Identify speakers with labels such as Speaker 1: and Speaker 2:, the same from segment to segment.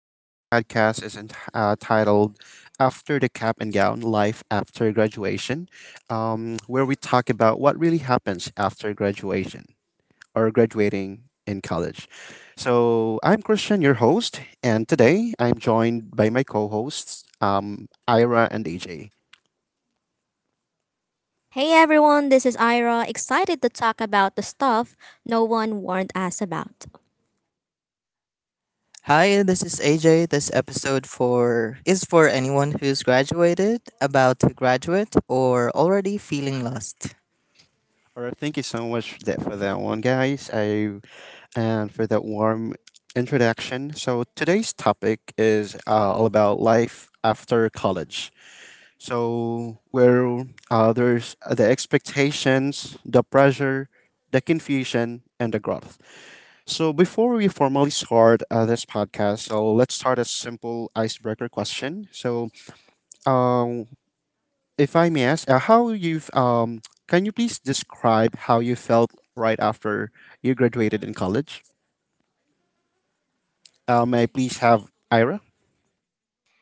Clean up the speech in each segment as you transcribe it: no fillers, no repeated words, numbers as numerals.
Speaker 1: So, this podcast is titled After the Cap and Gown Life After Graduation, where we talk about what really happens after graduation or graduating in college. So, I'm Christian, your host, and today I'm joined by my co hosts, Ira and AJ.
Speaker 2: Hey everyone, this is Ira, excited to talk about the stuff no one warned us about.
Speaker 3: Hi, this is AJ. This episode for is for anyone who's graduated, about to graduate, or already feeling lost.
Speaker 1: All right, thank you so much that for that one, guys. I and For that warm introduction. So, today's topic is all about life after college. So, where there's The expectations, the pressure, the confusion, and the growth. So, before we formally start this podcast, so let's start a simple icebreaker question. So, um, if I may ask, how you've Can you please describe how you felt right after you graduated in college? May I please have Ira?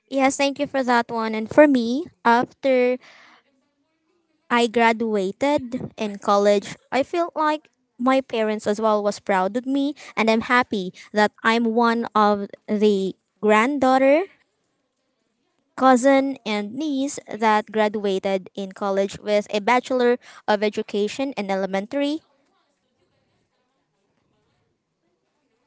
Speaker 2: Yes, thank you for that one. And for me, after I graduated in college, I felt like my parents as well was proud of me and I'm happy that I'm one of the granddaughter, cousin and niece that graduated in college with a bachelor of education in elementary.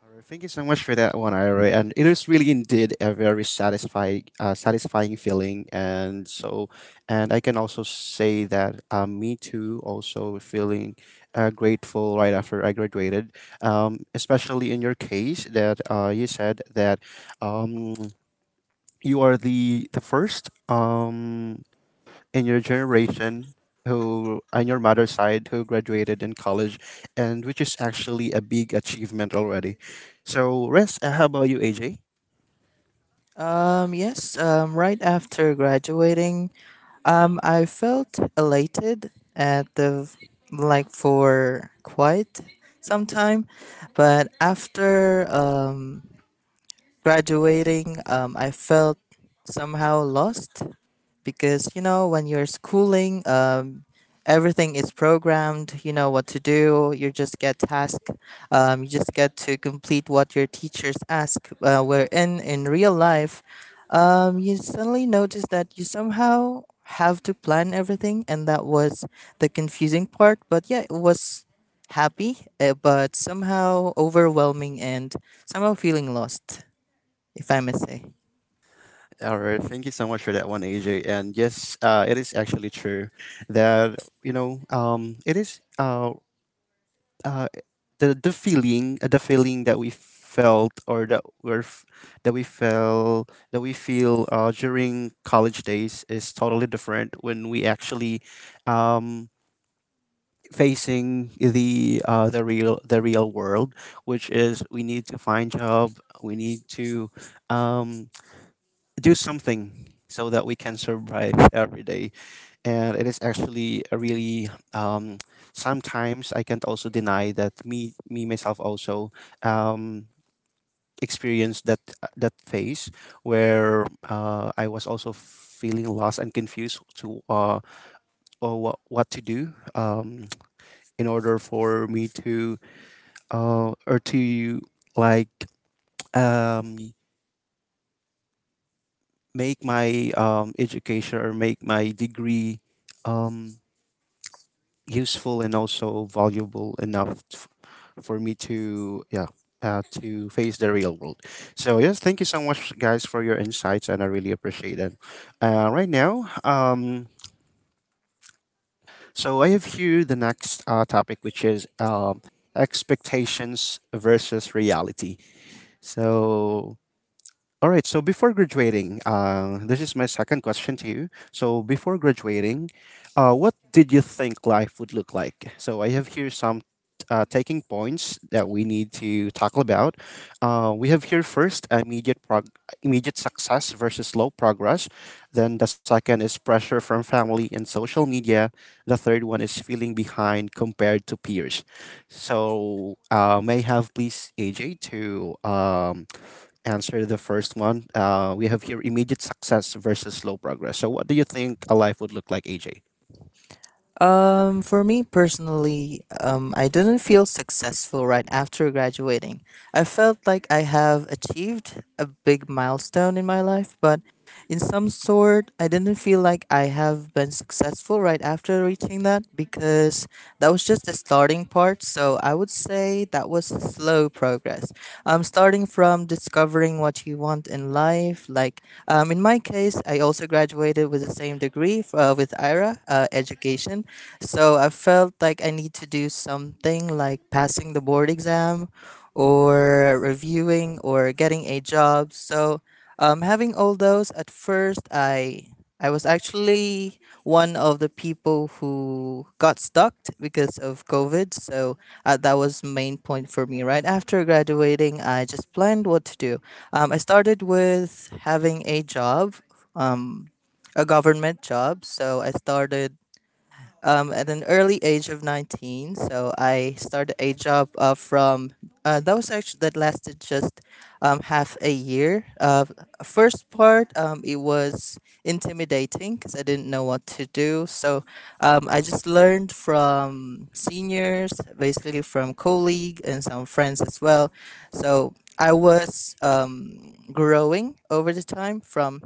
Speaker 1: All right, thank you so much for that one, Ira. And it is really indeed a very satisfying feeling. And I can also say that me too, also feeling grateful right after I graduated. Especially in your case that you said that um, you are the first. In your generation who on your mother's side who graduated in college, and which is actually a big achievement already. So rest how about you, AJ?
Speaker 3: Yes, right after graduating, I felt elated at the like for quite some time, but after graduating, I felt somehow lost because you know when you're schooling, everything is programmed. You know what to do. You just get tasked. You just get to complete what your teachers ask. Where in real life, you suddenly notice that you somehow have to plan everything, and that was the confusing part. But yeah, it was happy, but somehow overwhelming and somehow feeling lost, if I may say.
Speaker 1: All right, thank you so much for that one, AJ. And yes, it is actually true that, you know, it is uh, the feeling that we felt or that we're f- that we felt, that we feel during college days, is totally different when we actually um, facing the real world, which is we need to find job, we need to um, do something so that we can survive every day. And it is actually a really sometimes I can't also deny that me myself also um, experienced that phase where I was also feeling lost and confused to or what to do in order for me to or to like um, make my degree um, useful and also valuable for me to, yeah, to face the real world. So yes, thank you so much, guys, for your insights, and I really appreciate it. Right now, so I have here the next topic, which is expectations versus reality. So All right. So before graduating, this is my second question to you. So before graduating, what did you think life would look like? So I have here some taking points that we need to talk about. We have here first immediate success versus slow progress. Then the second is pressure from family and social media. The third one is feeling behind compared to peers. So may I have, please, AJ to um, answer the first one. We have here immediate success versus slow progress. So, what do you think a life would look like, AJ?
Speaker 3: For me personally, I didn't feel successful right after graduating. I felt like I have achieved a big milestone in my life, but in some sort, I didn't feel like I have been successful right after reaching that because that was just the starting part. So I would say that was slow progress. Starting from discovering what you want in life, like in my case, I also graduated with the same degree with IRA, education. So I felt like I need to do something like passing the board exam or reviewing or getting a job. So having all those at first, I was actually one of the people who got stuck because of COVID. So that was main point for me. Right after graduating, I just planned what to do. I started with having a job, um, a government job. So I started at an early age of 19. So I started a job from that was actually that lasted just half a year. First part, it was intimidating because I didn't know what to do. So I just learned from seniors, basically from colleague and some friends as well. So I was growing over the time from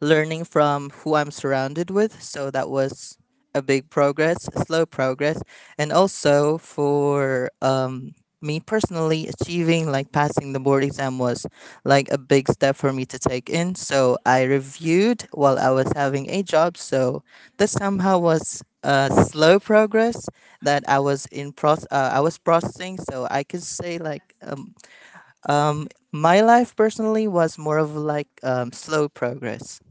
Speaker 3: learning from who I'm surrounded with. So that was a big progress, slow progress. And also for me personally, achieving like passing the board exam was like a big step for me to take in. So I reviewed while I was having a job. So that somehow was a slow progress that I was in I was processing. So I could say like my life personally was more of like slow progress.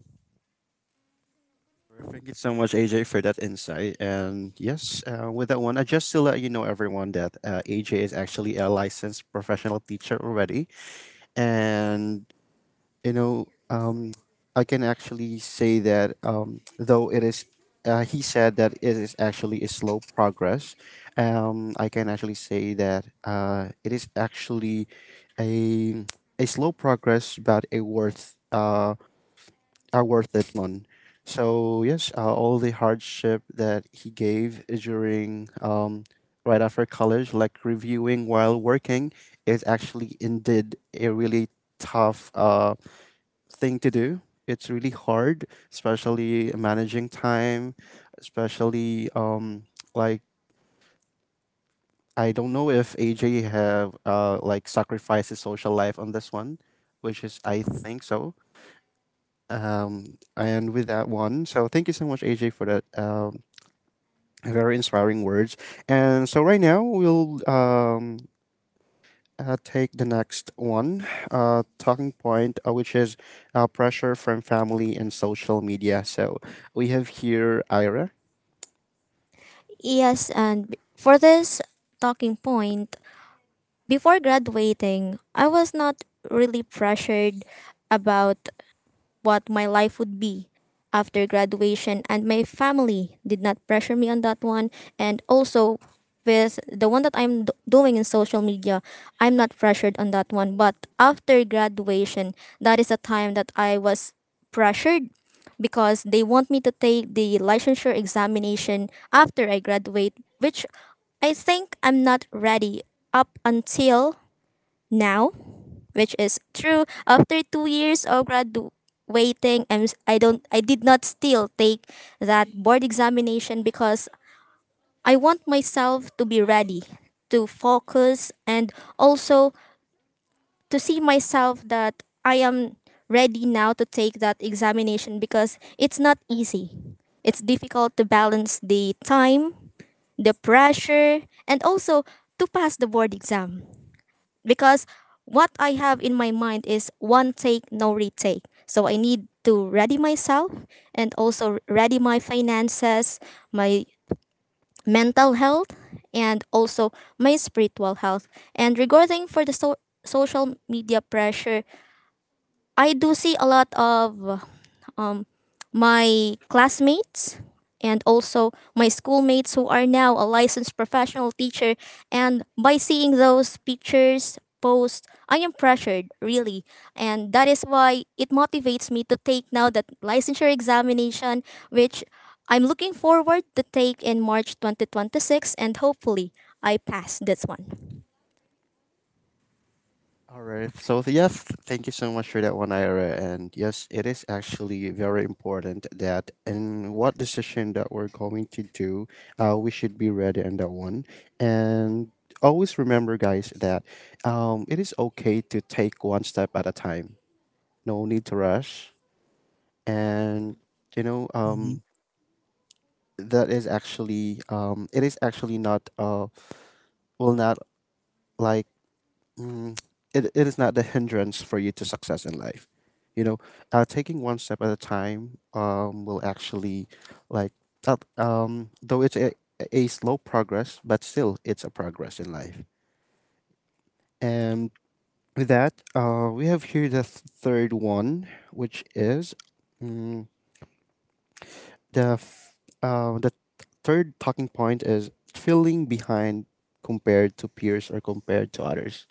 Speaker 1: Sure. Thank you so much, AJ, for that insight. And yes, with that one, I just to let you know, everyone, that AJ is actually a licensed professional teacher already, and you know, I can actually say that he said that it is actually a slow progress. I can actually say that it is actually a a slow progress, but a worth it one. So yes, all the hardship that he gave during right after college, like reviewing while working, is actually indeed a really tough. Thing to do. It's really hard, especially managing time, especially like I don't know if AJ have sacrificed his social life on this one, which is I think so. Um, and with that one, so thank you so much, AJ, for that very inspiring words. And so right now we'll take the next one talking point, which is pressure from family and social media. So we have here Ira.
Speaker 2: Yes, and for this talking point, before graduating, I was not really pressured about what my life would be after graduation, and my family did not pressure me on that one. And also, with the one that doing in social media, I'm not pressured on that one. But after graduation, that is a time that I was pressured because they want me to take the licensure examination after I graduate, which I think I'm not ready up until now, which is true. After 2 years of graduating, I don't, I did not still take that board examination because I want myself to be ready to focus and also to see myself that I am ready now to take that examination because it's not easy. It's difficult to balance the time, the pressure, and also to pass the board exam because what I have in my mind is one take, no retake. So I need to ready myself and also ready my finances, my mental health, and also my spiritual health. And regarding for the social media pressure, I do see a lot of um, my classmates and also my schoolmates who are now a licensed professional teacher, and by seeing those pictures posts, I am pressured really, and that is why it motivates me to take now that licensure examination, which I'm looking forward to take in March 2026, and hopefully I pass this one.
Speaker 1: All right. Thank you so much for that one, Ira. And yes, it is actually very important that in what decision that we're going to do, we should be ready on that one. And always remember, guys, that it is okay to take one step at a time. No need to rush. And you know, that is actually it is actually not will not like mm, it is not the hindrance for you to success in life, you know. Uh, taking one step at a time will actually, like up though it's a slow progress, but still it's a progress in life. And with that, we have here the third one, which is, mm, the f- the third talking point is feeling behind compared to peers or compared to others.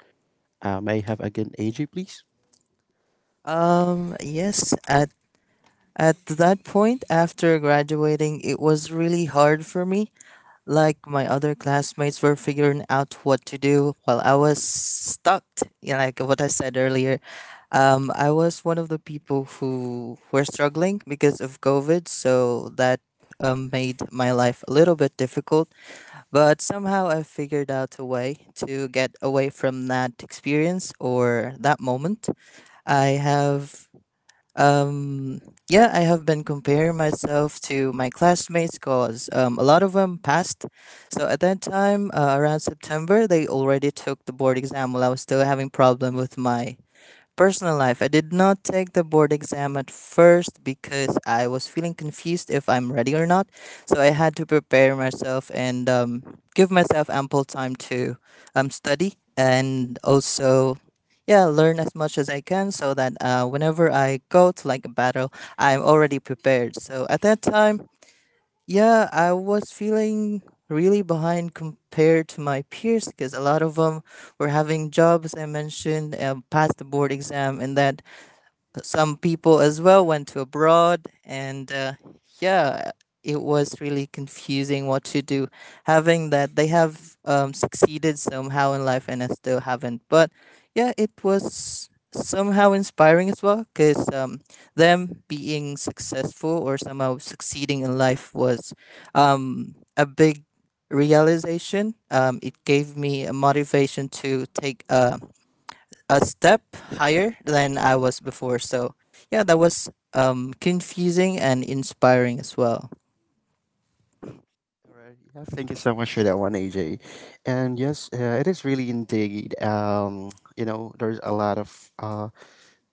Speaker 1: May I have again AJ, please?
Speaker 3: Um, yes, at at that point after graduating, it was really hard for me. Like my other classmates were figuring out what to do while I was stuck. You know, like what I said earlier, I was one of the people who were struggling because of COVID, so that made my life a little bit difficult. But somehow I figured out a way to get away from that experience or that moment. I have um, yeah, I have been comparing myself to my classmates because a lot of them passed. So at that time, around September, they already took the board exam while I was still having problem with my personal life. I did not take the board exam at first because I was feeling confused if I'm ready or not. So I had to prepare myself and give myself ample time to study and also, yeah, learn as much as I can so that whenever I go to like a battle, I'm already prepared. So at that time, yeah, I was feeling really behind compared to my peers because a lot of them were having jobs. I mentioned passed the board exam, and that some people as well went to abroad and yeah, it was really confusing what to do having that they have succeeded somehow in life and I still haven't. But yeah, it was somehow inspiring as well because them being successful or somehow succeeding in life was a big realization. It gave me a motivation to take a step higher than I was before. So yeah, that was confusing and inspiring as well.
Speaker 1: All right. Yeah, thank you so much for that one, AJ. And yes, it is really indeed. You know, there's a lot of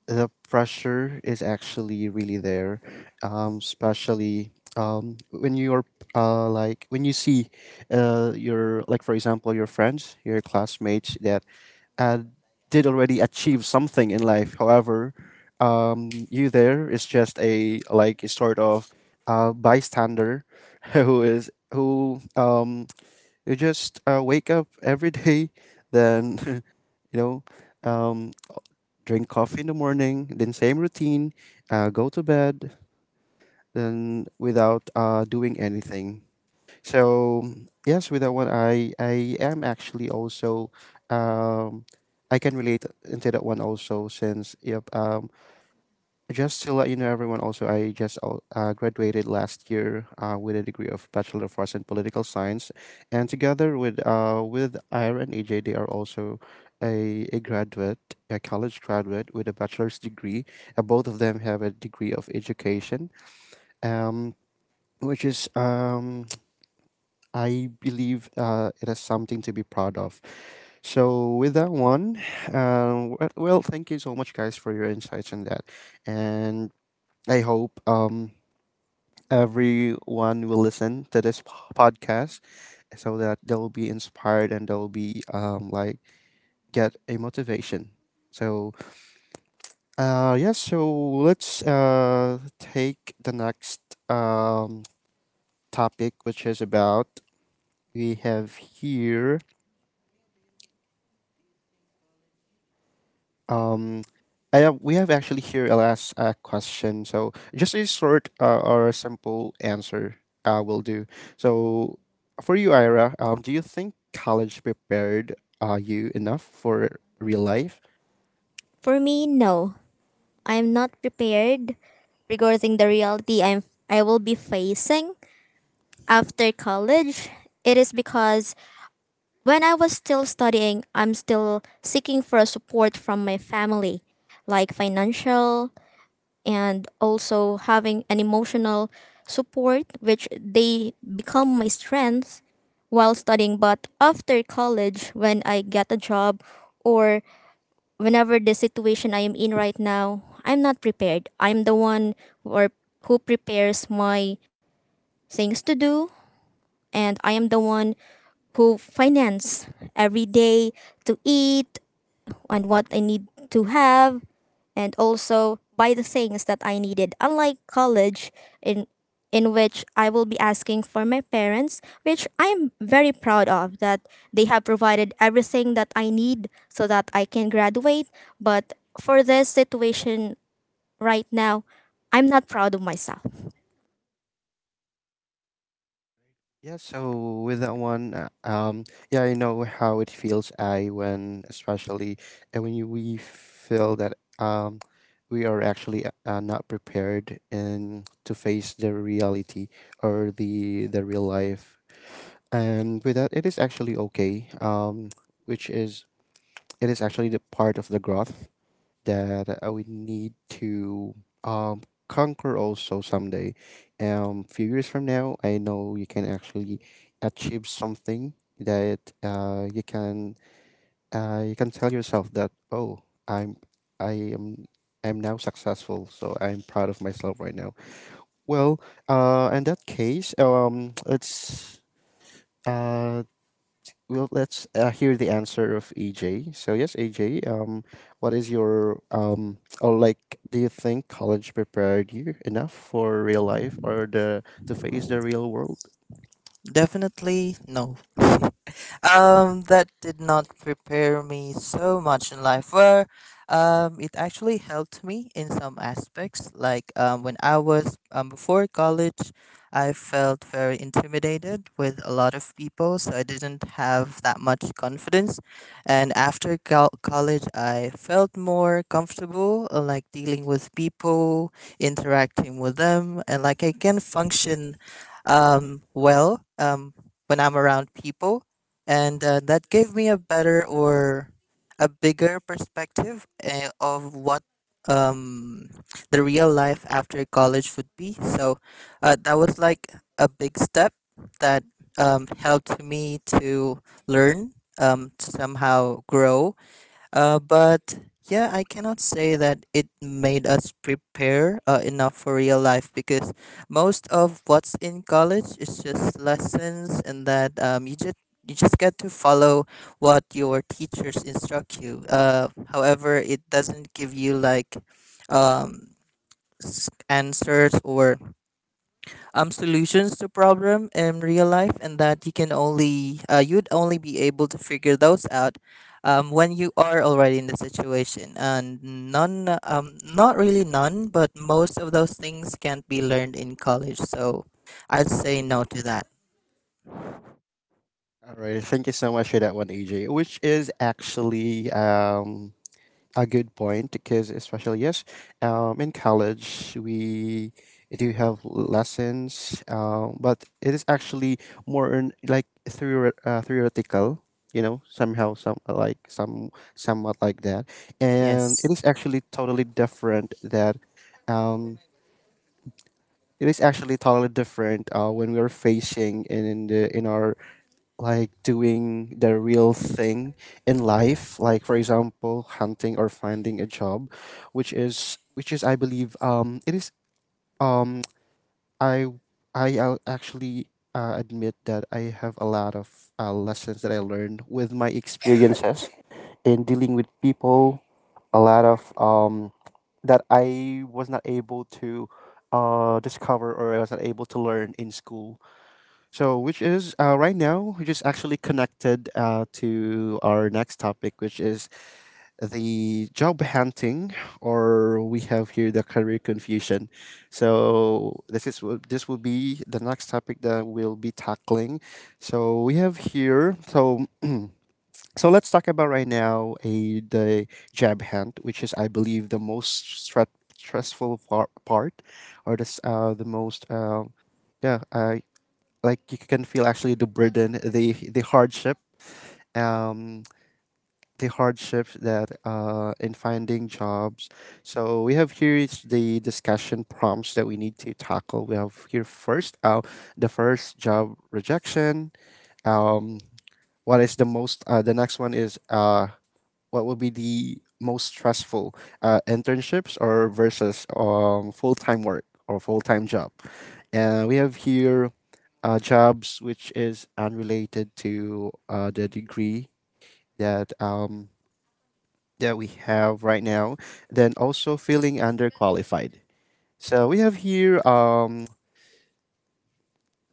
Speaker 1: the pressure is actually really there, especially um when you're when you see your like for example, your friends, your classmates that uh, did already achieve something in life. However, you there is just a like a sort of bystander who is who, you just wake up every day, then you know, um, drink coffee in the morning, then same routine, go to bed, then without doing anything. So yes, with that one, I am actually also um I can relate into that one also since, yep, just to let you know, everyone, also I just graduated last year with a degree of Bachelor of Arts in Political Science, and together with Ira and AJ, they are also a college graduate with a bachelor's degree. Uh, both of them have a degree of education, um which is I believe, it is something to be proud of. So with that one, well, thank you so much, guys, for your insights on that, and I hope everyone will listen to this podcast so that they'll be inspired and they'll be, get a motivation. So yes, so let's take the next um, topic, which is about we have here Um, we have actually here a last question. So just a short or a simple answer will do. So for you, Ira, do you think college prepared you enough for real life?
Speaker 2: For me, no, I'm not prepared regarding the reality I will be facing after college. It is because when I was still studying, I'm still seeking for support from my family, like financial and also having an emotional support, which they become my strength while studying. But after college, when I get a job or whenever the situation I am in right now, I'm not prepared. I'm the one or who prepares my things to do, and I am the one who finance every day to eat and what I need to have, and also buy the things that I needed. Unlike college, in in which I will be asking for my parents, which I'm very proud of that they have provided everything that I need so that I can graduate, but for this situation right now, I'm not proud of myself.
Speaker 1: Yeah, so with that one, yeah, I know how it feels. I when especially and When you, we feel that we are actually not prepared and to face the reality or the real life. And with that, it is actually okay, which is it is actually the part of the growth that we need to um, conquer also someday. Um, few years from now, I know you can actually achieve something that you can tell yourself that, oh, I'm I am I'm now successful, so I'm proud of myself right now. Well, in that case let's uh well, let's hear the answer of AJ. So yes, AJ, what is your do you think college prepared you enough for real life or the to face the real world?
Speaker 3: Definitely no. That did not prepare me so much in life. Where it actually helped me in some aspects. Like when I was before college, I felt very intimidated with a lot of people, so I didn't have that much confidence. And after college, I felt more comfortable, like dealing with people, interacting with them, and like I can function well when I'm around people and that gave me a better or a bigger perspective of what um, the real life after college would be. So that was like a big step that helped me to learn, somehow grow, but yeah, I cannot say that it made us prepare enough for real life because most of what's in college is just lessons, and that you just get to follow what your teachers instruct you. However, it doesn't give you like um, answers or solutions to problem in real life, and that you can only you'd only be able to figure those out when you are already in the situation, and none, not really none, but most of those things can't be learned in college. So I'd say no to that.
Speaker 1: All right, thank you so much for that one, AJ. Which is actually a good point because, especially, yes, in college, we do have lessons, but it is actually more in, like, theoretical. You know, somehow, somewhat like that, and it
Speaker 3: Yes,
Speaker 1: is actually totally different that. Um, it is actually totally different when we are facing in the in our like doing the real thing in life, like for example, hunting or finding a job, which is, which is, I believe, it is um I I actually, admit that I have a lot of lessons that I learned with my experiences in dealing with people, a lot of that I was not able to discover or I was not able to learn in school. So, which is right now, which is actually connected to our next topic, which is the job hunting, or we have here the career confusion. So, this is this will be the next topic that we'll be tackling. So, we have here so. So let's talk about right now a the job hunt, which is I believe the part, or this the most yeah, uh, like you can feel actually the burden, the hardship, um, the hardships that in finding jobs. So we have here is the discussion prompts that we need to tackle. We have here first, the first job rejection. Um, what is the most? The next one is what will be the most stressful internships or versus full-time work or full-time job, and we have here jobs which is unrelated to the degree that that we have right now, then also feeling underqualified. So we have here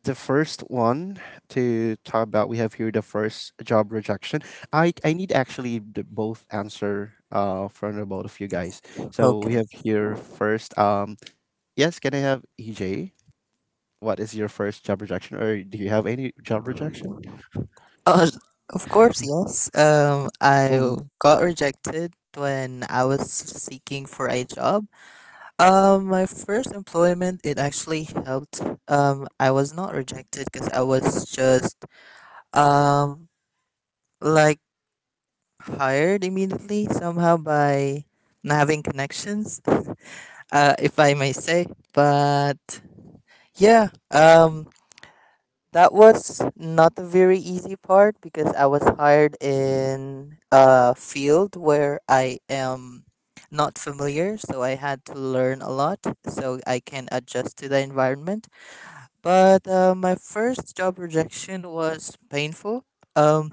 Speaker 1: the first one to talk about. We have here the first job rejection. I need actually the both answer from the both of you guys. So we
Speaker 3: okay.
Speaker 1: have here first. Yes, can I have EJ? What is your first job rejection, or do you have any job rejection?
Speaker 3: Oh, of course, yes. I got rejected when I was seeking for a job. My first employment, it actually helped. I was not rejected because I was just um like hired immediately somehow by not having connections, if I may say. But yeah, that was not a very easy part because I was hired in a field where I am not familiar, so I had to learn a lot so I can adjust to the environment. But my first job rejection was painful. Um,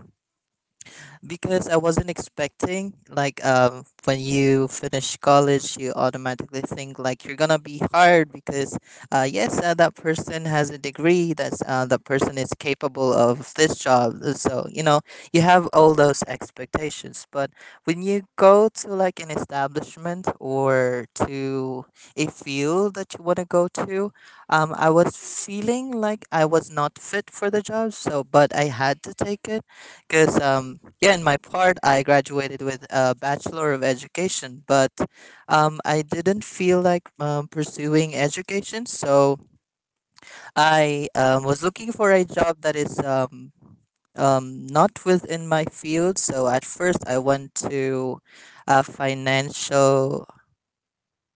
Speaker 3: because I wasn't expecting like when you finish college you automatically think like you're gonna be hired because yes that person has a degree, that's that person is capable of this job. So you know you have all those expectations, but when you go to like an establishment or to a field that you want to go to, I was feeling like I was not fit for the job, so but I had to take it because, yeah, in my part, I graduated with a Bachelor of Education, but I didn't feel like pursuing education. So I was looking for a job that is not within my field. So at first, I went to a financial,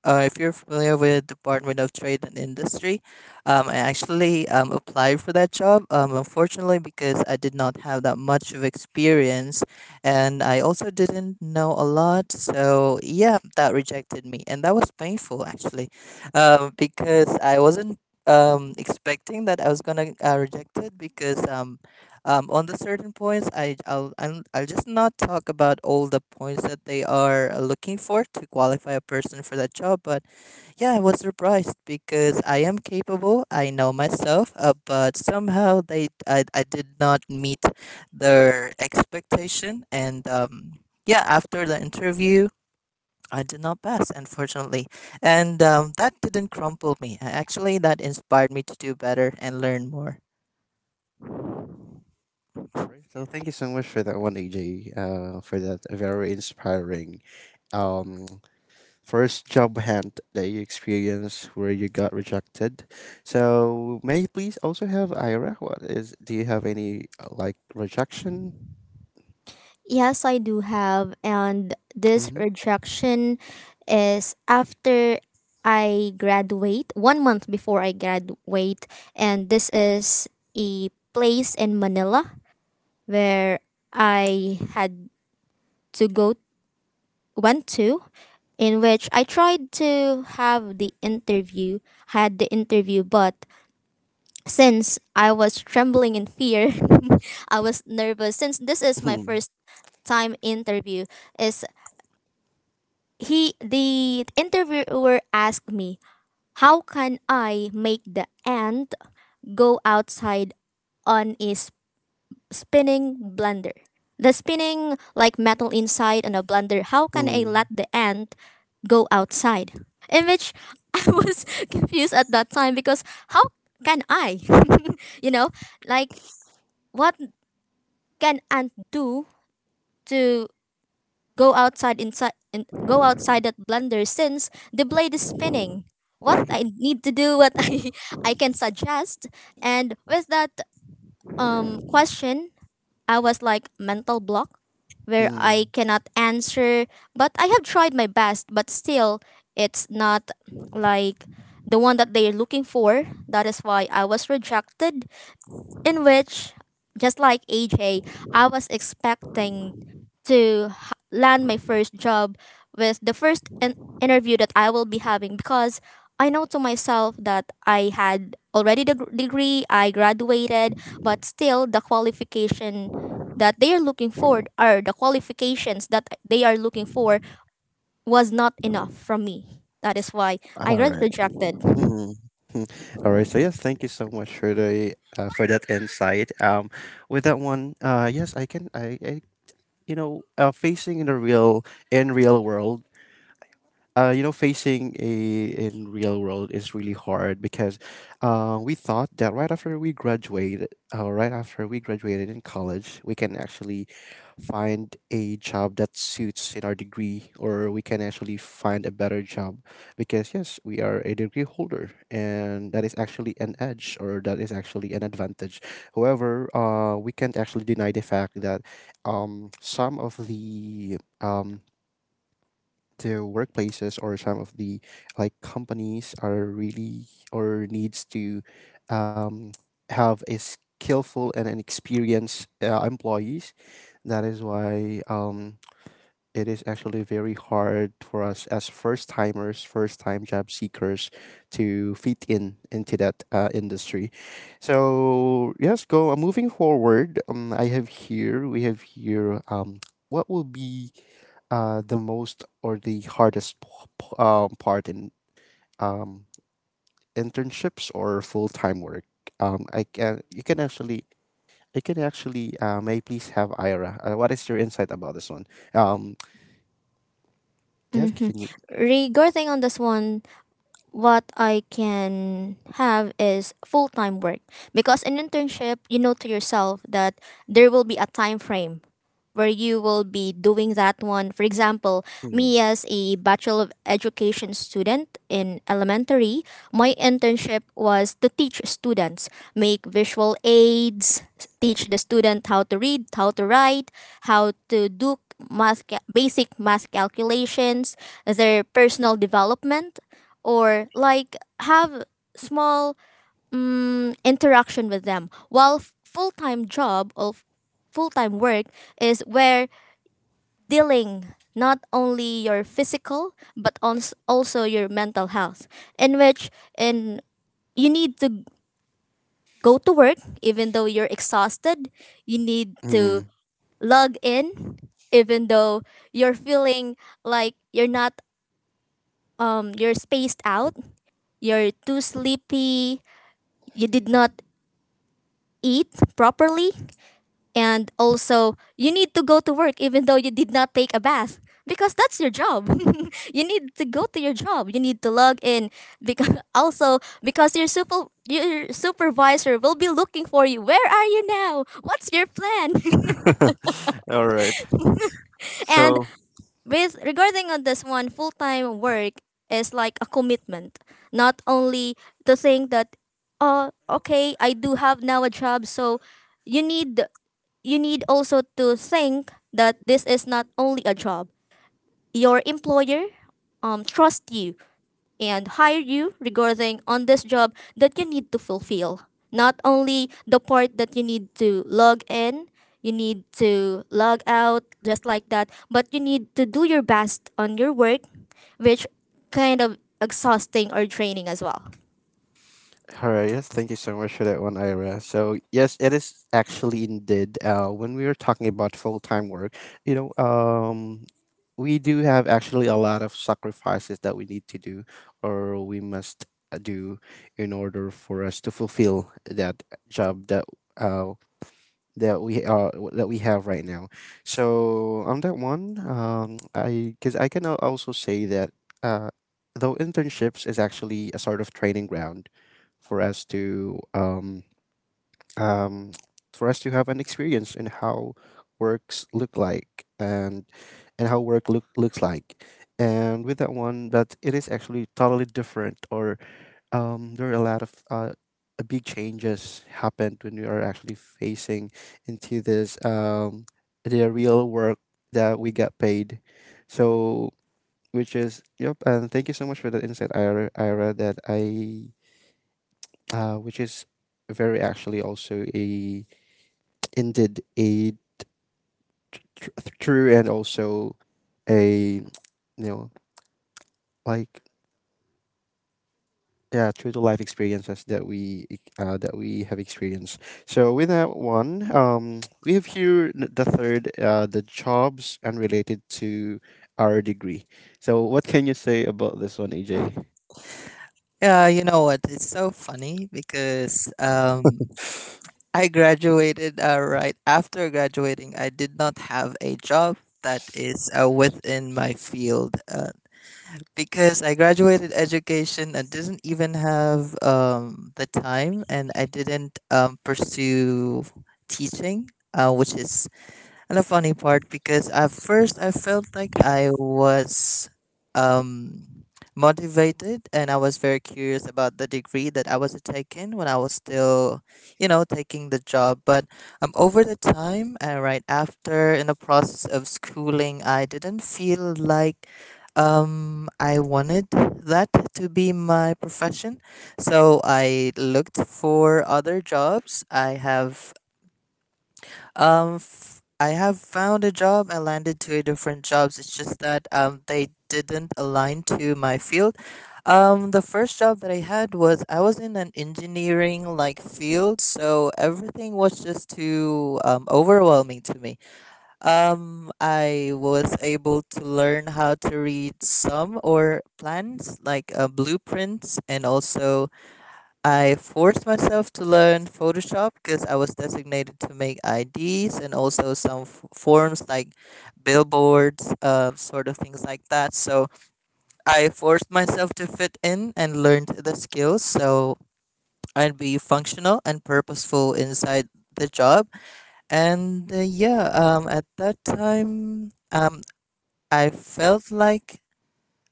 Speaker 3: if you're familiar with Department of Trade and Industry, I actually applied for that job. Unfortunately, because I did not have that much of experience, and I also didn't know a lot, so yeah, that rejected me, and that was painful actually, because I wasn't expecting that I was gonna reject it because on the certain points I, I'll just not talk about all the points that they are looking for to qualify a person for that job. But yeah, I was surprised because I am capable, I know myself, but somehow they, I did not meet their expectation and yeah after the interview I did not pass, unfortunately, and that didn't crumple me. Actually, that inspired me to do better and learn more.
Speaker 1: All right. So thank you so much for that one, AJ. For that very inspiring, um, first job hunt that you experienced where you got rejected. So may I please also have Ira? What is? Do you have any like rejection?
Speaker 2: Yes, I do have. And this
Speaker 1: Mm-hmm.
Speaker 2: rejection is after I graduate, one month before I graduate. And this is a place in Manila where I had to go, went to, in which I tried to have the interview, had the interview, but since I was trembling in fear, I was nervous. Since this is my first time interview, is he, the interviewer, asked me how can I make the ant go outside on a spinning blender, the spinning like metal inside on a blender. How can I
Speaker 1: Mm-hmm.
Speaker 2: let the ant go outside, in which I was confused at that time, because how can I you know, like, what can ant do to go outside inside in, go outside that blender since the blade is spinning. What I need to do, what I can suggest. And with that question, I was like mental block where
Speaker 1: Mm-hmm.
Speaker 2: I cannot answer, but I have tried my best, but still it's not like the one that they are looking for. That is why I was rejected, in which, just like AJ, I was expecting to land my first job with the first interview that I will be having, because I know to myself that I had already the degree, I graduated, but still the qualification that they are looking for, or the qualifications that they are looking for, was not enough from me. That is why I
Speaker 1: All
Speaker 2: got
Speaker 1: right.
Speaker 2: rejected.
Speaker 1: Mm-hmm. All right. So yes, thank you so much for the for that insight. With that one, yes, I can. I you know, facing in the real world, you know, facing a in real world is really hard because we thought that right after we graduated, right after we graduated in college, we can actually find a job that suits in our degree, or we can actually find a better job because yes, we are a degree holder, and that is actually an edge or that is actually an advantage. However, we can't actually deny the fact that some of the workplaces or some of the like companies are really or needs to um, have a skillful and an experienced employees, that is why it is actually very hard for us as first timers first time job seekers to fit in into that industry. So yes, go moving forward, I have here we have here, what will be the most or the part in um, internships or full time work? Um, I can you can actually I can actually may I please have Ira. What is your insight about this one? Um, yes,
Speaker 2: hmm
Speaker 1: can you?
Speaker 2: Regarding on this one, what I can have is full time work. Because in internship, you know to yourself that there will be a time frame where you will be doing that one. For example,
Speaker 1: Mm,
Speaker 2: me as a Bachelor of Education student in elementary, my internship was to teach students, make visual aids, teach the student how to read, how to write, how to do math basic math calculations, their personal development, or like have small interaction with them, while full-time job or full-time work is where dealing not only your physical but also your mental health, in which in you need to go to work even though you're exhausted, you need to
Speaker 1: mm.
Speaker 2: log in even though you're feeling like you're not you're spaced out, you're too sleepy, you did not eat properly, and also you need to go to work even though you did not take a bath, because that's your job. You need to go to your job, you need to log in, because also because your super your supervisor will be looking for you. Where are you now? What's your plan?
Speaker 1: All right.
Speaker 2: And
Speaker 1: So
Speaker 2: with regarding on this one, full-time work is like a commitment, not only to think that, oh, okay, I do have now a job. So you need, you need also to think that this is not only a job. Your employer trusts you and hire you regarding on this job that you need to fulfill. Not only the part that you need to log in, you need to log out just like that, but you need to do your best on your work, which kind of exhausting or draining as well.
Speaker 1: All right, yes, thank you so much for that one, Ira. So, yes, it is actually indeed. When we were talking about full time work, you know, we do have actually a lot of sacrifices that we need to do or we must do in order for us to fulfill that job that uh, that we have right now. So on that one, I because I can also say that uh, though internships is actually a sort of training ground for us to um, um, for us to have an experience in how works look like and how looks like. And with that one, that it is actually totally different, or there are a lot of big changes happened when we are actually facing into this the real work that we got paid. So which is, yep, and thank you so much for that insight, Ira. Ira that I which is very actually also a, indeed a, tr- true, and also a, you know, like, yeah, true to life experiences that that we have experienced. So with that one, we have here the third, the jobs unrelated to our degree. So what can you say about this one, AJ?
Speaker 3: Yeah, you know what? It's so funny because I graduated right after graduating. I did not have a job that is within my field because I graduated education and didn't even have the time, and I didn't pursue teaching, which is and the funny part because at first I felt like I was um motivated and I was very curious about the degree that I was taking when I was still, you know, taking the job. But over the time and right after in the process of schooling I didn't feel like I wanted that to be my profession. So I looked for other jobs. I have I have found a job. I landed two different jobs. It's just that they didn't align to my field. The first job that I had was I was in an engineering like field, so everything was just too overwhelming to me. I was able to learn how to read some or plans like blueprints and also I forced myself to learn Photoshop because I was designated to make IDs and also some forms like billboards, sort of things like that. So I forced myself to fit in and learned the skills so I'd be functional and purposeful inside the job. At that time, I felt like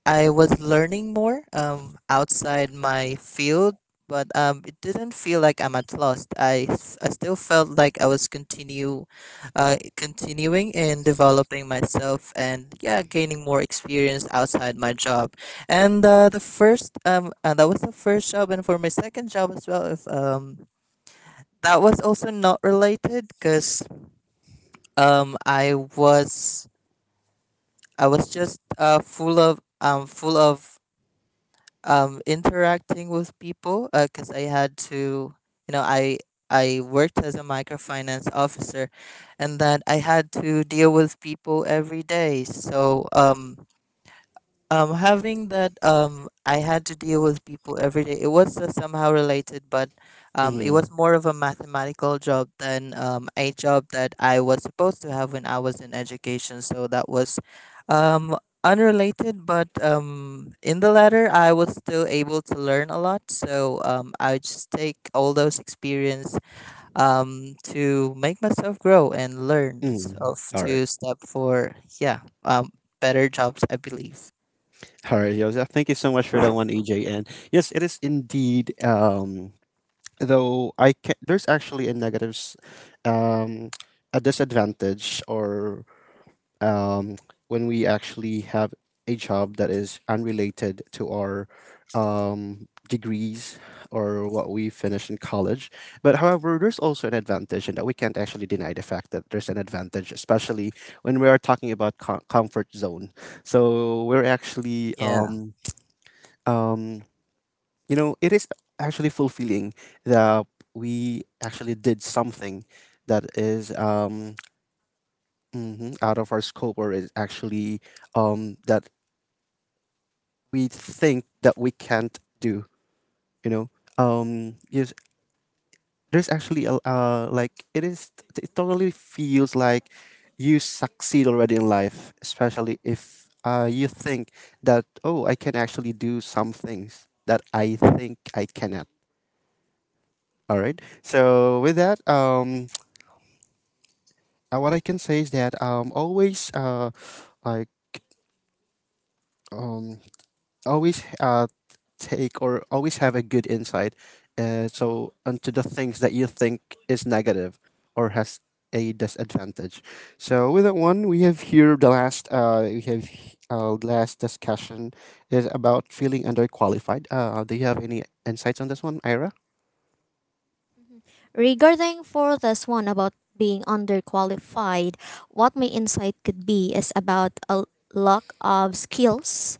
Speaker 3: I was learning more outside my field, but it didn't feel like I'm at lost. I still felt like I was continuing and developing myself, and yeah, gaining more experience outside my job. And that was the first job, and for my second job as well. If That was also not related, because um, I was I was just full of interacting with people because I had to, you know, I I worked as a microfinance officer, and that I had to deal with people every day. So having that, I had to deal with people every day. It was somehow related, but it was
Speaker 1: Mm,
Speaker 3: more of a mathematical job than a job that I was supposed to have when I was in education. So that was um unrelated, but in the latter I was still able to learn a lot. So I just take all those experience to make myself grow and learn
Speaker 1: mm.
Speaker 3: of
Speaker 1: All right.
Speaker 3: to step for, yeah, better jobs, I believe.
Speaker 1: All right, Joseph. Thank you so much for that one, AJ. And yes, it is indeed. Though I can there's actually a negatives, um a disadvantage, or um when we actually have a job that is unrelated to our degrees or what we finish in college. But however, there's also an advantage, and that we can't actually deny the fact that there's an advantage, especially when we are talking about comfort zone. So we're actually
Speaker 3: Yeah,
Speaker 1: um you know, it is actually fulfilling that we actually did something that is mhm, out of our scope, or is actually that we think that we can't do. You know, yes, there's actually a like it is. It totally feels like you succeed already in life, especially if you think that, oh, I can actually do some things that I think I cannot. All right. So with that, what I can say is that like um always take or always have a good insight so onto the things that you think is negative or has a disadvantage. So with that one, we have here the last, uh, last discussion is about feeling underqualified. Uh, do you have any insights on this one, Ira?
Speaker 2: Mhm. Regarding for this one about being underqualified, what my insight could be is about a lack of skills,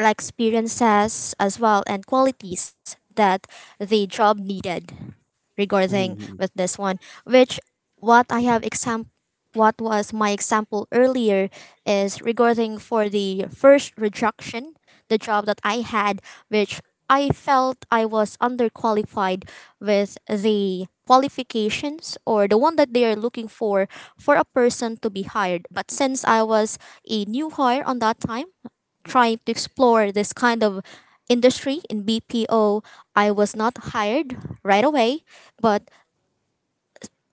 Speaker 2: like experiences as well, and qualities that the job needed. Regarding with this one, which what i have exam what was my example earlier, is regarding for the first rejection, the job that I had, which I felt I was underqualified with the qualifications, or the one that they are looking for a person to be hired. But since I was a new hire on that time, trying to explore this kind of industry in BPO, I was not hired right away, but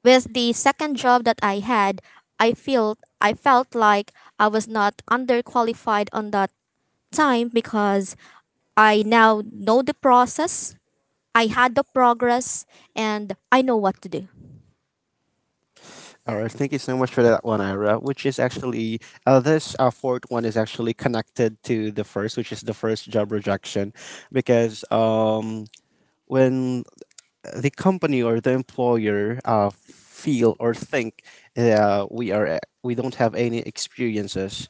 Speaker 2: with the second job that I had, I felt like I was not underqualified on that time, because I now know the process, I had the progress, and I know what to do.
Speaker 1: All right, thank you so much for that one, Ira. Which is actually this fourth one is actually connected to the first, which is the first job rejection, because when the company or the employer feel or think we don't have any experiences,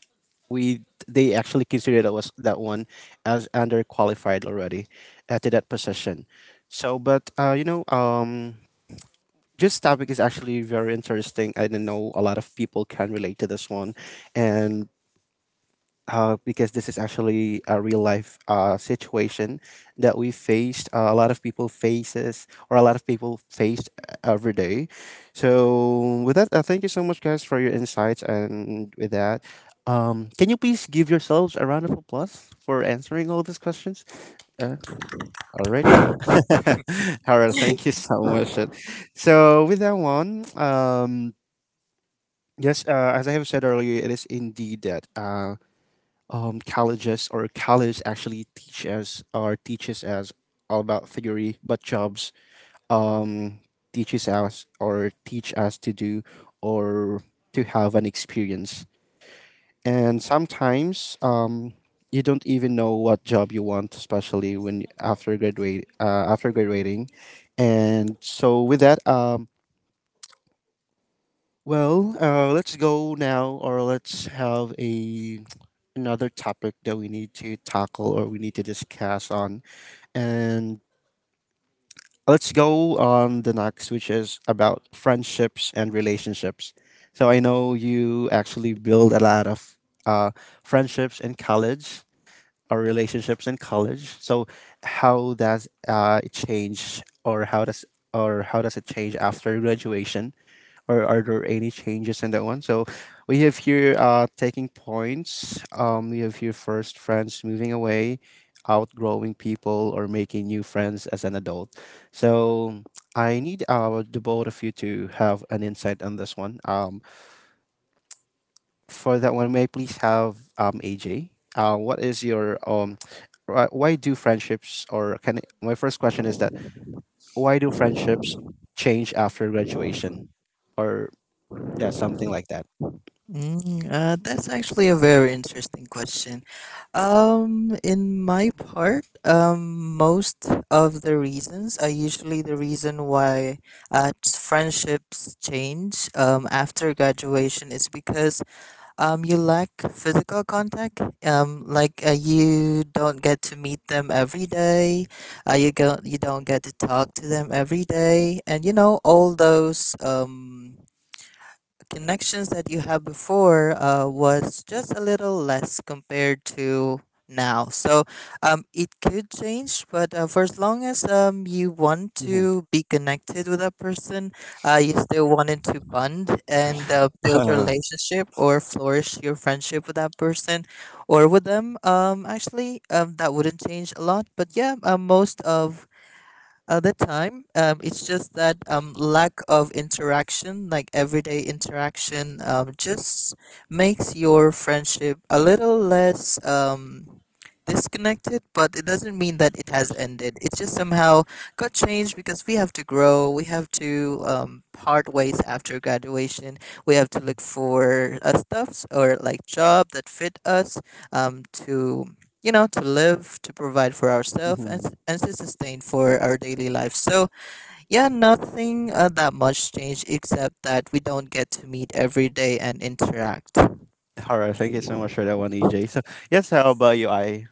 Speaker 1: we they actually consider that one as underqualified already to that position. So, but you know, this topic is actually very interesting. I don't know, a lot of people can relate to this one, and because this is actually a real life situation that we faced, a lot of people faces, or a lot of people faced every day. So with that, thank you so much, guys, for your insights. And with that, can you please give yourselves a round of applause for answering all these questions? Uh, all right. All right. Thank you so much. So with that one, yes, as I have said earlier, it is indeed that colleges or college actually teach us or teaches us all about theory, but jobs um, teaches us or teach us to do or to have an experience. And sometimes you don't even know what job you want, especially when after graduate after graduating. And so with that, well, let's go now, or let's have a another topic that we need to tackle or we need to discuss on, and let's go on the next, which is about friendships and relationships. So I know you actually build a lot of uh, friendships in college or relationships in college. So how does it change, or how does it change after graduation? Or are there any changes in that one? So we have here taking points. We have here first friends moving away, outgrowing people, or making new friends as an adult. So I need the both of you to have an insight on this one. For that one, may I please have AJ? What is your why do friendships or can my first question is that why do friendships change after graduation, or yeah something like that?
Speaker 3: that's actually a very interesting question. In my part, most of the reasons are usually the reason why friendships change after graduation is because you lack physical contact. You don't get to meet them every day. You don't get to talk to them every day, and you know all those connections that you had before was just a little less compared to now. So it could change, but for as long as you want
Speaker 1: Mm-hmm.
Speaker 3: to be connected with that person, you still wanted to bond and build a
Speaker 1: Uh,
Speaker 3: relationship or flourish your friendship with that person or with them. That wouldn't change a lot. But yeah, most of other time it's just that lack of interaction, like everyday interaction, just makes your friendship a little less disconnected, but it doesn't mean that it has ended. It just somehow got changed because we have to grow. We have to part ways after graduation. We have to look for stuffs or like job that fit us, um, to to live, to provide for ourselves,
Speaker 1: Mhm.
Speaker 3: and to sustain for our daily life. So yeah, nothing that much changed, except that we don't get to meet every day and interact.
Speaker 1: All right. Thank you so much for that one, EJ. So, yes, how about you, I?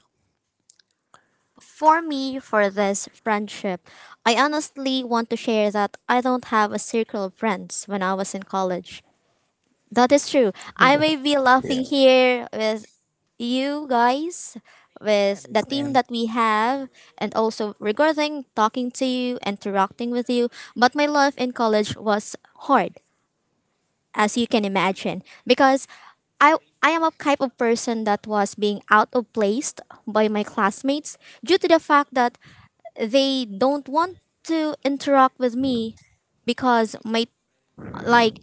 Speaker 2: For me, for this friendship, I honestly want to share that I don't have a circle of friends when I was in college. That is true. I may be
Speaker 1: Yeah.
Speaker 2: laughing here with you guys,
Speaker 3: I
Speaker 2: with the team
Speaker 3: understand.
Speaker 2: that we have, and also regarding talking to you, interacting with you. But my life in college was hard, as you can imagine, because I I am a type of person that was being out of place by my classmates, due to the fact that they don't want to interact with me, because my, like,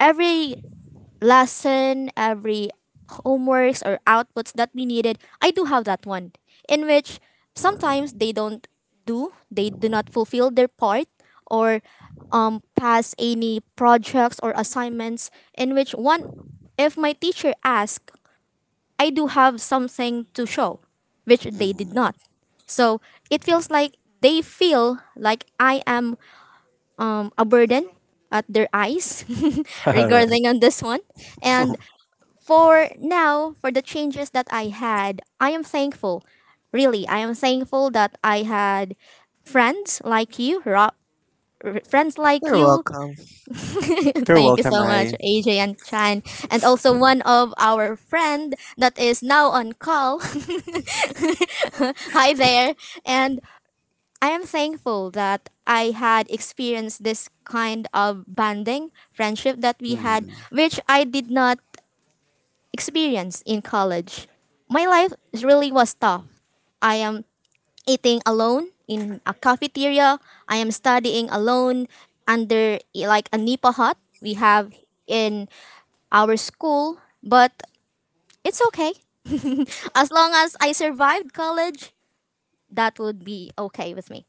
Speaker 2: every lesson, every homeworks or outputs that we needed, I do have that one, in which sometimes they don't do, they do not fulfill their part, or pass any projects or assignments, in which one, if my teacher asks, I do have something to show, which they did
Speaker 1: Mhm.
Speaker 2: not. So it feels like they feel like I am a burden at their eyes
Speaker 1: All right.
Speaker 2: regarding on this one. And for now, for the changes that I had, I am thankful. Really, I am thankful that I had friends like you, Rob, friends like
Speaker 3: You're
Speaker 2: you.
Speaker 3: welcome.
Speaker 1: You're
Speaker 2: Thank you
Speaker 1: welcome,
Speaker 2: so much,
Speaker 1: I.
Speaker 2: AJ and Chan, and also one of our friend that is now on call. Hi there, and I am thankful that I had experienced this kind of bonding, friendship that we had,
Speaker 1: Mhm.
Speaker 2: which I did not experience in college. My life really was tough. I am eating alone in a cafeteria. I am studying alone under like a Nipa hut we have in our school, but it's okay. As long as I survived college, that would be okay with me.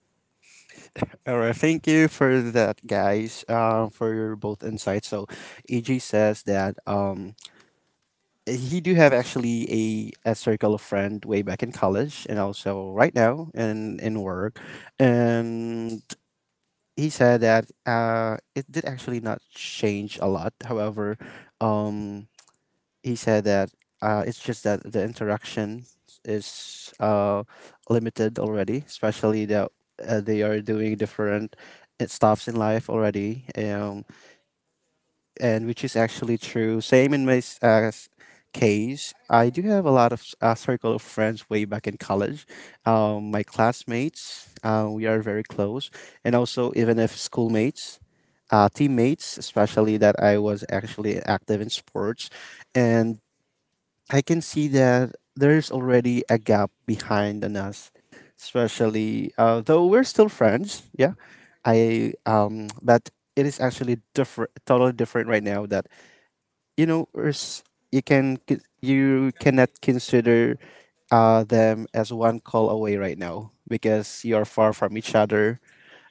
Speaker 1: All right. Thank you for that, guys, for your both insights. So, EJ says that he do have actually a circle of friend way back in college and also right now in work. And he said that it did actually not change a lot. However, um, he said that it's just that the interaction is limited already, especially that they are doing different stuffs in life already, and which is actually true. Same in my case, I do have a lot of circle of friends way back in college. My classmates, we are very close, and also even if schoolmates. Teammates, especially that I was actually active in sports, and I can see that there's already a gap behind on us, especially though we're still friends. Yeah, I but it is actually different, totally different right now. That you know, there's- you cannot consider them as one call away right now because you are far from each other,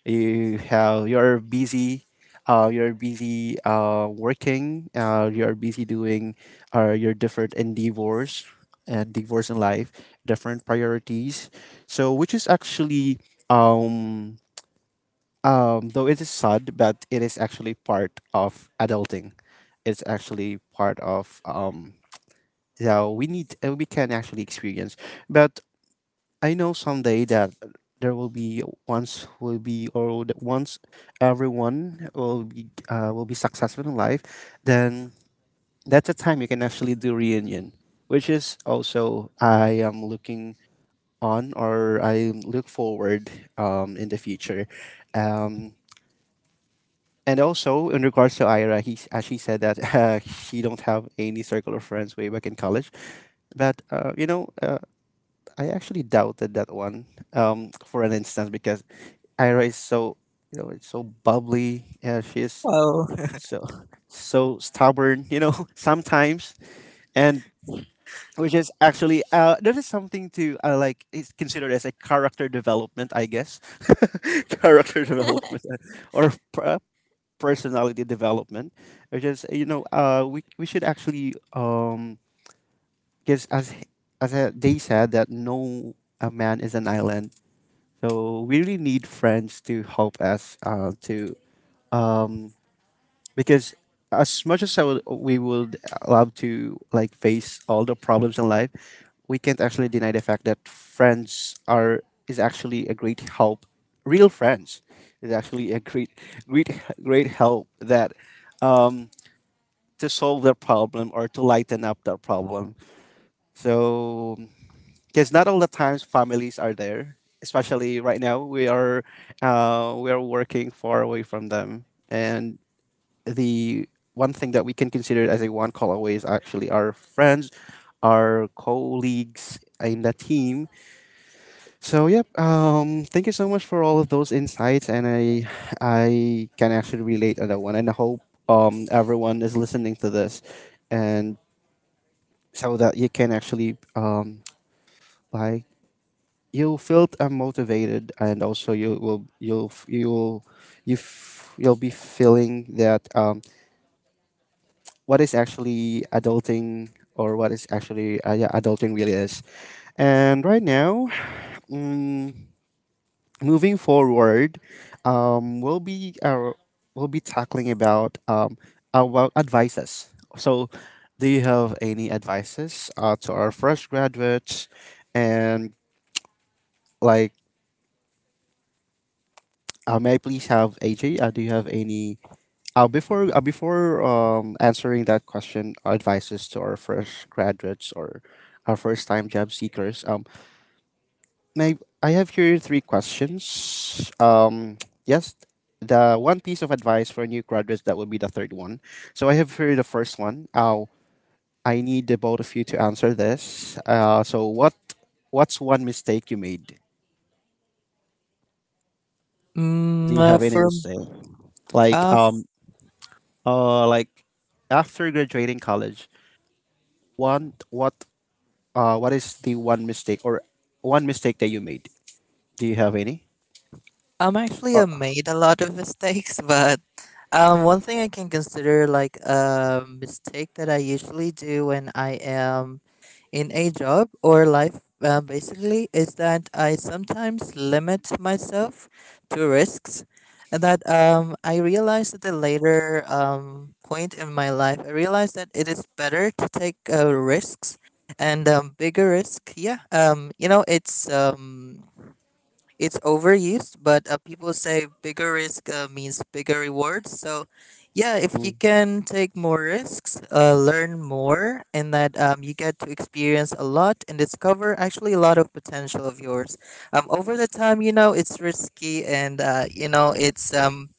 Speaker 1: you have, you're busy, you're busy working, you're busy doing your different endeavors and divorce in life, different priorities. So which is actually um, though it is sad, but it is actually part of adulting. It's actually part of yeah, we need we can actually experience. But I know someday that there will be once everyone will be successful in life, then that's the time you can actually do reunion, which is also I am looking on, or I look forward in the future. Um, and also in regards to Ira, he, as she said that she don't have any circle of friends way back in college, but I actually doubted that one, for an instance, because Ira is so, you know, it's so bubbly. Yeah, she's
Speaker 3: Wow.
Speaker 1: so so stubborn. You know, sometimes. And which is actually that is something to like is considered as a character development, I guess. Character development, or per- uh, personality development, which is, you know, we should actually because as they said that, no, a man is an island, so we really need friends to help us to um, because as much as we would love to, like, face all the problems in life, we can't actually deny the fact that friends are is actually a great help. Real friends is actually a great great help that um, to solve their problem or to lighten up their problem. So because not all the times families are there, especially right now we are working far away from them. And the one thing that we can consider as a one call away is actually our friends, our colleagues in the team. So yep, thank you so much for all of those insights. And I can actually relate on that one. And I hope everyone is listening to this, and so that you can actually, like, you'll feel motivated, and also you will, you'll, you'll be feeling that, what is actually adulting, or what is actually, yeah, adulting really is. And right now mm, moving forward, um, we'll be uh, we'll be tackling about advices. So do you have any advices to our fresh graduates and, like, uh, may I please have AJ? Do you have any uh, before answering that question, advices to our fresh graduates or our first time job seekers? May I have here three questions. Yes, the one piece of advice for new graduates, that would be the third one. So I have here the first one. I need the both of you to answer this. So what's one mistake you made? Do
Speaker 3: Mm,
Speaker 1: you have any
Speaker 3: for
Speaker 1: mistake? Like,
Speaker 3: uh,
Speaker 1: uh, like, after graduating college, one, what is the one mistake, or one mistake that you made? Do you have any?
Speaker 3: I'm actually
Speaker 1: Uh,
Speaker 3: made a lot of mistakes, but one thing I can consider like a mistake that I usually do when I am in a job or life, basically, is that I sometimes limit myself to risks. And that I realized at the later point in my life, I realized that it is better to take risks and bigger risk. Yeah, it's overused, but people say bigger risk means bigger rewards. So, yeah, if you
Speaker 1: mm,
Speaker 3: can take more risks, learn more, and that you get to experience a lot and discover actually a lot of potential of yours. Over the time, it's risky and, it's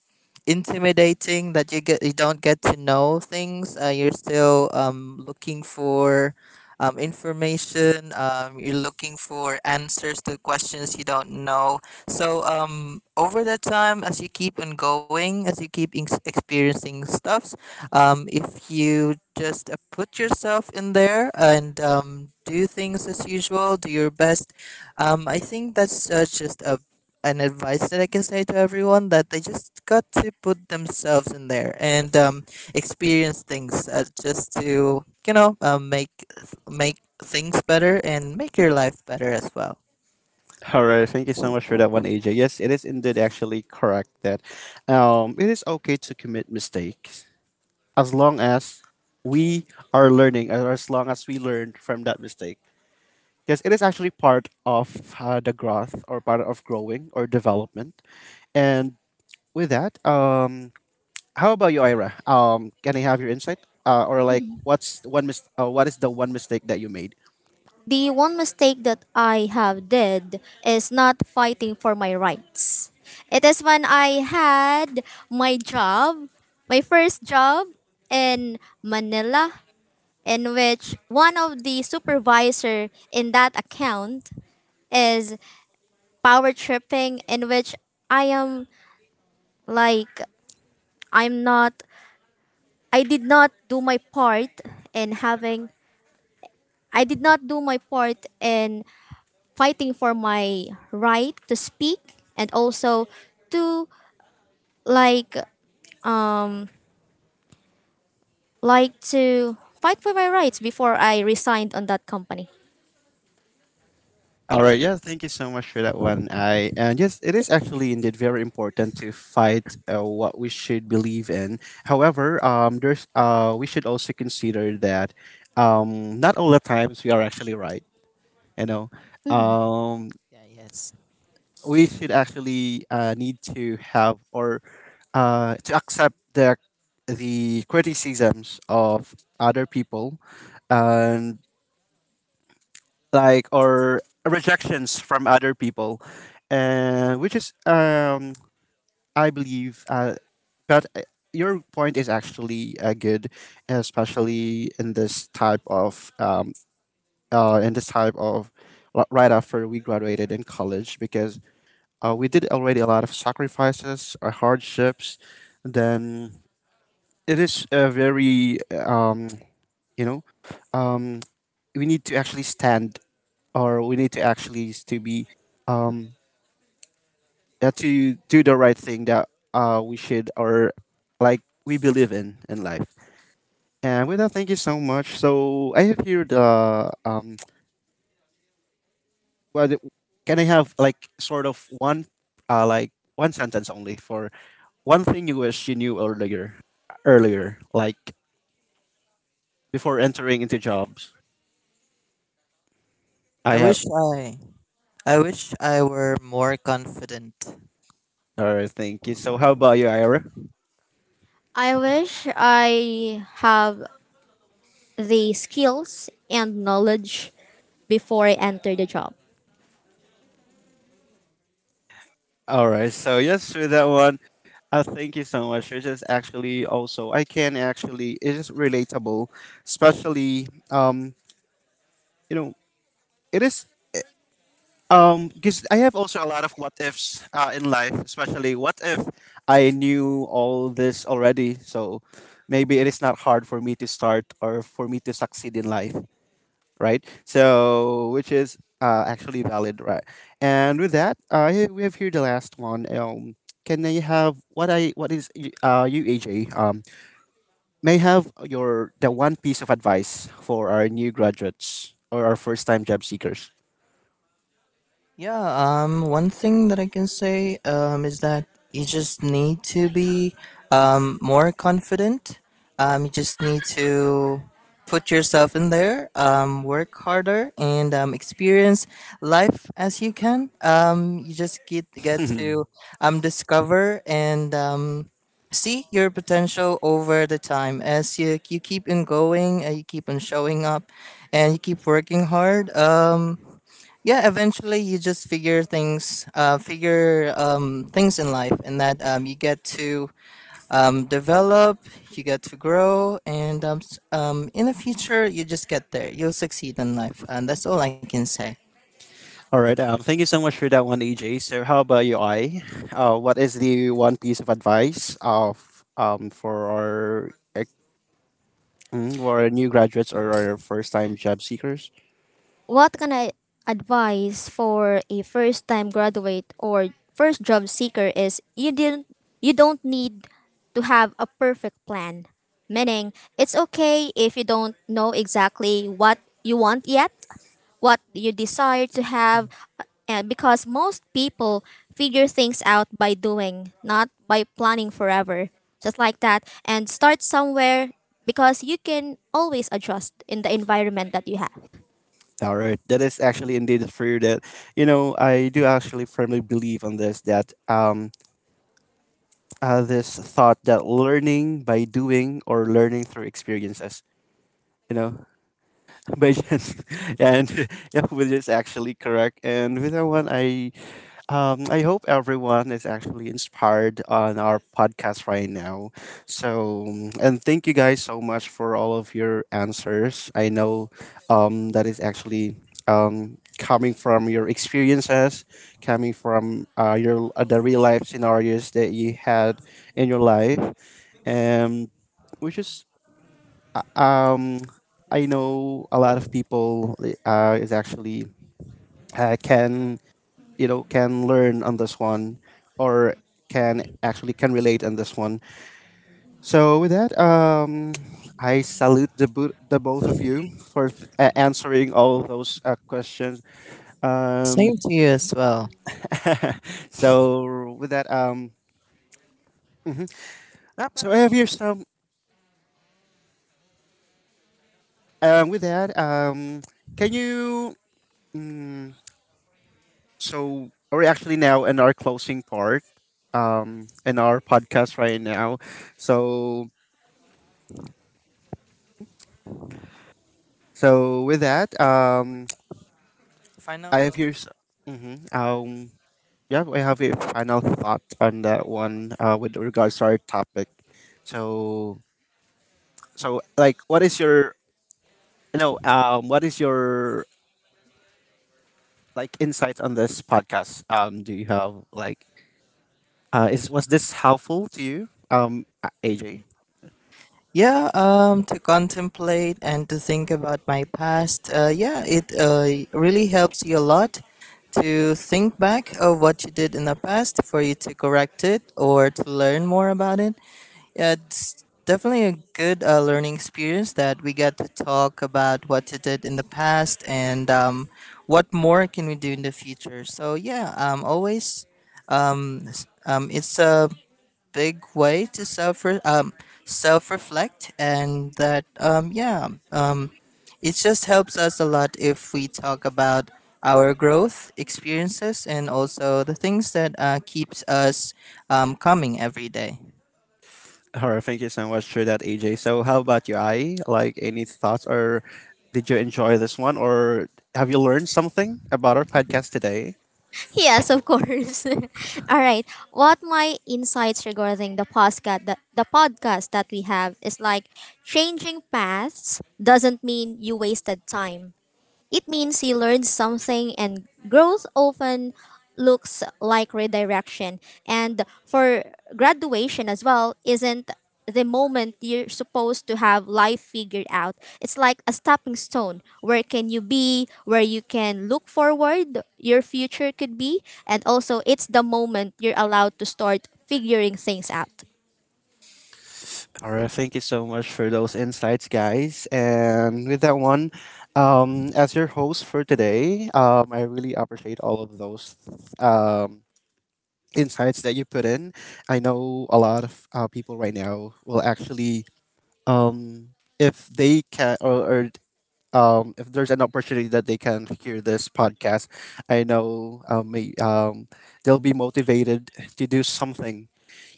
Speaker 3: intimidating that you don't get to know things. You're still looking for information. You're looking for answers to questions you don't know. So over that time, as you keep on going, as you keep experiencing stuffs, if you just put yourself in there and do things as usual, do your best, I think that's just a an advice that I can say to everyone, that they just got to put themselves in there and experience things just to make things better and make your life better as well.
Speaker 1: all right, thank you so much for that one, AJ. Yes, it is indeed actually correct that it is okay to commit mistakes, as long as we are learning, or as long as we learned from that mistake. Yes, it is actually part of the growth, or part of growing or development. And with that, how about you, Ira? Can I have your insight? What's what is the one mistake that you made?
Speaker 2: The one mistake that I have did is not fighting for my rights. It is when I had my job, my first job in Manila, in which one of the supervisor in that account is power tripping, in which I am like I'm not I did not do my part in having, I did not do my part in fighting for my right to speak, and also to, like like to fight for my rights before I resigned on that company.
Speaker 1: All right, yeah, thank you so much for that one. I, and yes, it is actually indeed very important to fight what we should believe in. However, there's we should also consider that, not all the times we are actually right. You know,
Speaker 2: Mhm.
Speaker 1: um,
Speaker 3: Yeah. Yes.
Speaker 1: we should actually need to have, or to accept the criticisms of other people, and, like, or rejections from other people. And which is I believe but your point is actually good, especially in this type of in this type of right after we graduated in college, because, uh, we did already a lot of sacrifices, hardships. Then it is a very you know um, we need to actually stand, or we need to actually to be, um yeah, to do the right thing that we should, or, like, we believe in life. And with that, thank you so much. So I have here the um what, can I have, like, sort of one one sentence only for one thing you wish you knew earlier. Earlier, like, before entering into jobs. I
Speaker 3: I
Speaker 1: have,
Speaker 3: wish I I wish I were more confident.
Speaker 1: all right, thank you. So how about you, Ira?
Speaker 2: I wish I have the skills and knowledge before I enter the job.
Speaker 1: All right, so yes, with that one, thank you so much. It is actually also, I can actually, it is relatable, especially you know it is, um, because I have also a lot of what ifs in life, especially what if I knew all this already. So maybe it is not hard for me to start, or for me to succeed in life, right? So which is, actually valid, right? And with that, yeah, we have here the last one. Can I have, what I what is y- you, AJ? May I have your the one piece of advice for our new graduates or our first time job seekers?
Speaker 3: Yeah, one thing that I can say is that you just need to be more confident. You just need to put yourself in there, work harder, and experience life as you can. You just get to discover and see your potential over the time, as you keep on going and you keep on showing up and you keep working hard. Yeah, eventually you just figure things in life, and that you get to develop, you get to grow, and in the future you just get there, you'll succeed in life, and that's all I can say.
Speaker 1: All right. Thank you so much for that one, AJ. So, how about you, I? What is the one piece of advice of for our ex- for our new graduates or our first time job seekers?
Speaker 2: What can I advise for a first time graduate or first job seeker is you don't need to have a perfect plan. Meaning it's okay if you don't know exactly what you want yet, what you desire to have, because most people figure things out by doing, not by planning forever. Just like that, and start somewhere, because you can always adjust in the environment that you have.
Speaker 1: All right, that is actually indeed true. That, you know, I do actually firmly believe on this, that this thought, that learning by doing, or learning through experiences. You know, by chance, and yeah, which is actually correct. And with that one, I, um, I hope everyone is actually inspired on our podcast right now. So, and thank you guys so much for all of your answers. I know that is actually, coming from your experiences, coming from your the real life scenarios that you had in your life. And which is uh, um, I know a lot of people is actually can, you know, can learn on this one, or can actually can relate on this one. So with that, I salute the, the both of you for answering all those questions.
Speaker 3: Same
Speaker 1: Um
Speaker 3: to you as well.
Speaker 1: So with that, mhm. So
Speaker 3: Yep.
Speaker 1: I have here some with that can you, mm, so we're actually now in our closing part in our podcast right now. So, so with that,
Speaker 3: Final
Speaker 1: I have
Speaker 3: thoughts.
Speaker 1: your, mm-hmm. um yeah, I have a final thought on that one with regards to our topic. So, so, like, what is your, no what is your, like, insight on this podcast? Um, do you have, like, is, was this helpful to you? AJ.
Speaker 3: Yeah, to contemplate and to think about my past. Yeah, it really helps you a lot to think back of what you did in the past for you to correct it or to learn more about it. Yeah, it's definitely a good learning experience that we got to talk about what you did in the past and what more can we do in the future. So yeah, it's a big way to self self reflect, and that um, it just helps us a lot if we talk about our growth experiences and also the things that keeps us coming every day.
Speaker 1: Alright, thank you so much for that, AJ. So how about you, I, like, any thoughts, or did you enjoy this one, or have you learned something about our podcast today?
Speaker 2: Yes, of course. All right. What my insights regarding the podcast that we have is like, changing paths doesn't mean you wasted time. It means you learn something, and growth often looks like redirection. And for graduation as well, isn't the moment you're supposed to have life figured out. It's like a stepping stone. Where can you be? Where you can look forward, your future could be. And also, it's the moment you're allowed to start figuring things out.
Speaker 1: All right, thank you so much for those insights, guys. And with that one, as your host for today, I really appreciate all of those, um, insights that you put in. I know a lot of people right now will actually, um, if they can, or if there's an opportunity that they can hear this podcast, I know, they'll be motivated to do something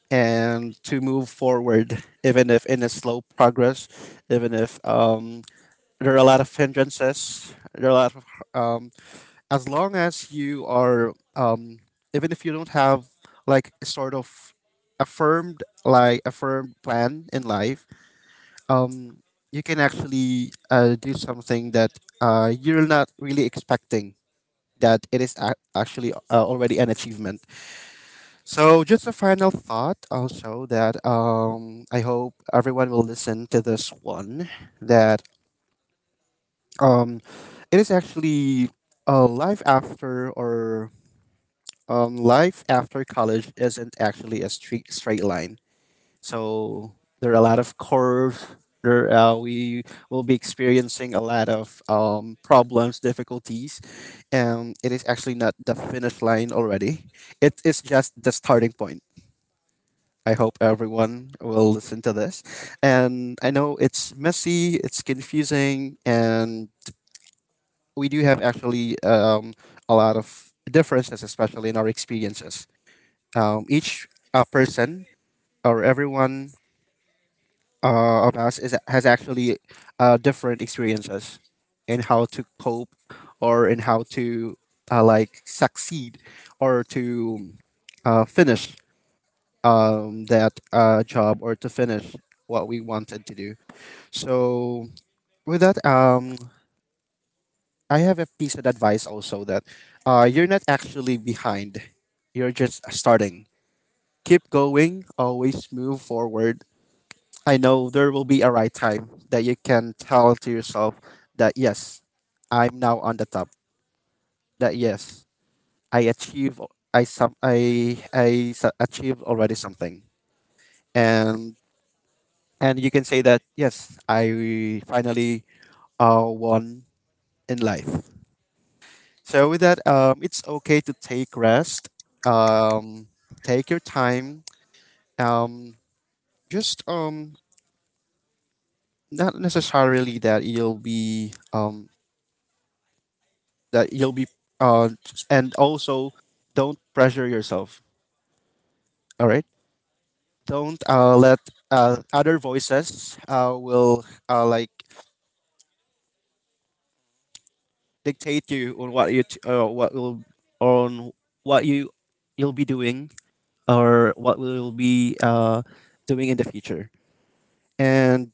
Speaker 1: and to move forward, even if in a slow progress, even if, there are a lot of hindrances, there are a lot of, um, as long as you are, even if you don't have, like, a sort of affirmed like a firm plan in life, um, you can actually do something that you're not really expecting, that it is ac actually already an achievement. So just a final thought also, that, I hope everyone will listen to this one, that, um it is actually life after, or life after college isn't actually a straight line. So there are a lot of curves. There, we will be experiencing a lot of problems, difficulties, and it is actually not the finish line already. It is just the starting point. I hope everyone will listen to this. And I know it's messy, it's confusing, and we do have actually, a lot of differences, especially in our experiences. Each person or everyone of us has actually different experiences in how to cope, or in how to like, succeed, or to finish, that job, or to finish what we wanted to do. So with that, I have a piece of advice also, that, you're not actually behind. You're just starting. Keep going. Always move forward. I know there will be a right time that you can tell to yourself that, yes, I'm now on the top. That, yes, I achieve. I some. Achieved already something. And and you can say that, yes, I finally won in life. So with that, it's okay to take rest, um, take your time, um, just not necessarily that you'll be that you'll be, uh, and also, don't pressure yourself. All right, don't let other voices will like, dictate you on what what will, on what you, you'll be doing, or what will be doing in the future. And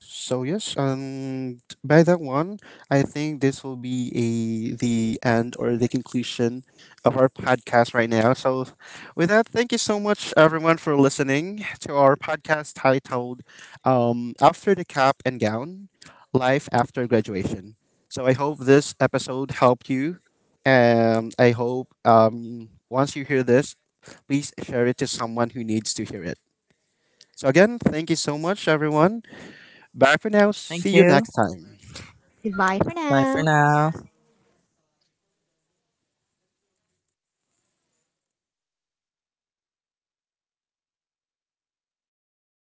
Speaker 1: so yes, and by that one, I think this will be a the end, or the conclusion of our podcast right now. So with that, thank you so much everyone for listening to our podcast titled, After the Cap and Gown, Life After Graduation. So I hope this episode helped you. And I hope, once you hear this, please share it to someone who needs to hear it. So again, thank you so much everyone. Bye for now. See
Speaker 3: Thank
Speaker 1: you
Speaker 3: you.
Speaker 1: next time.
Speaker 2: Goodbye for
Speaker 3: Bye for
Speaker 2: now.
Speaker 3: now.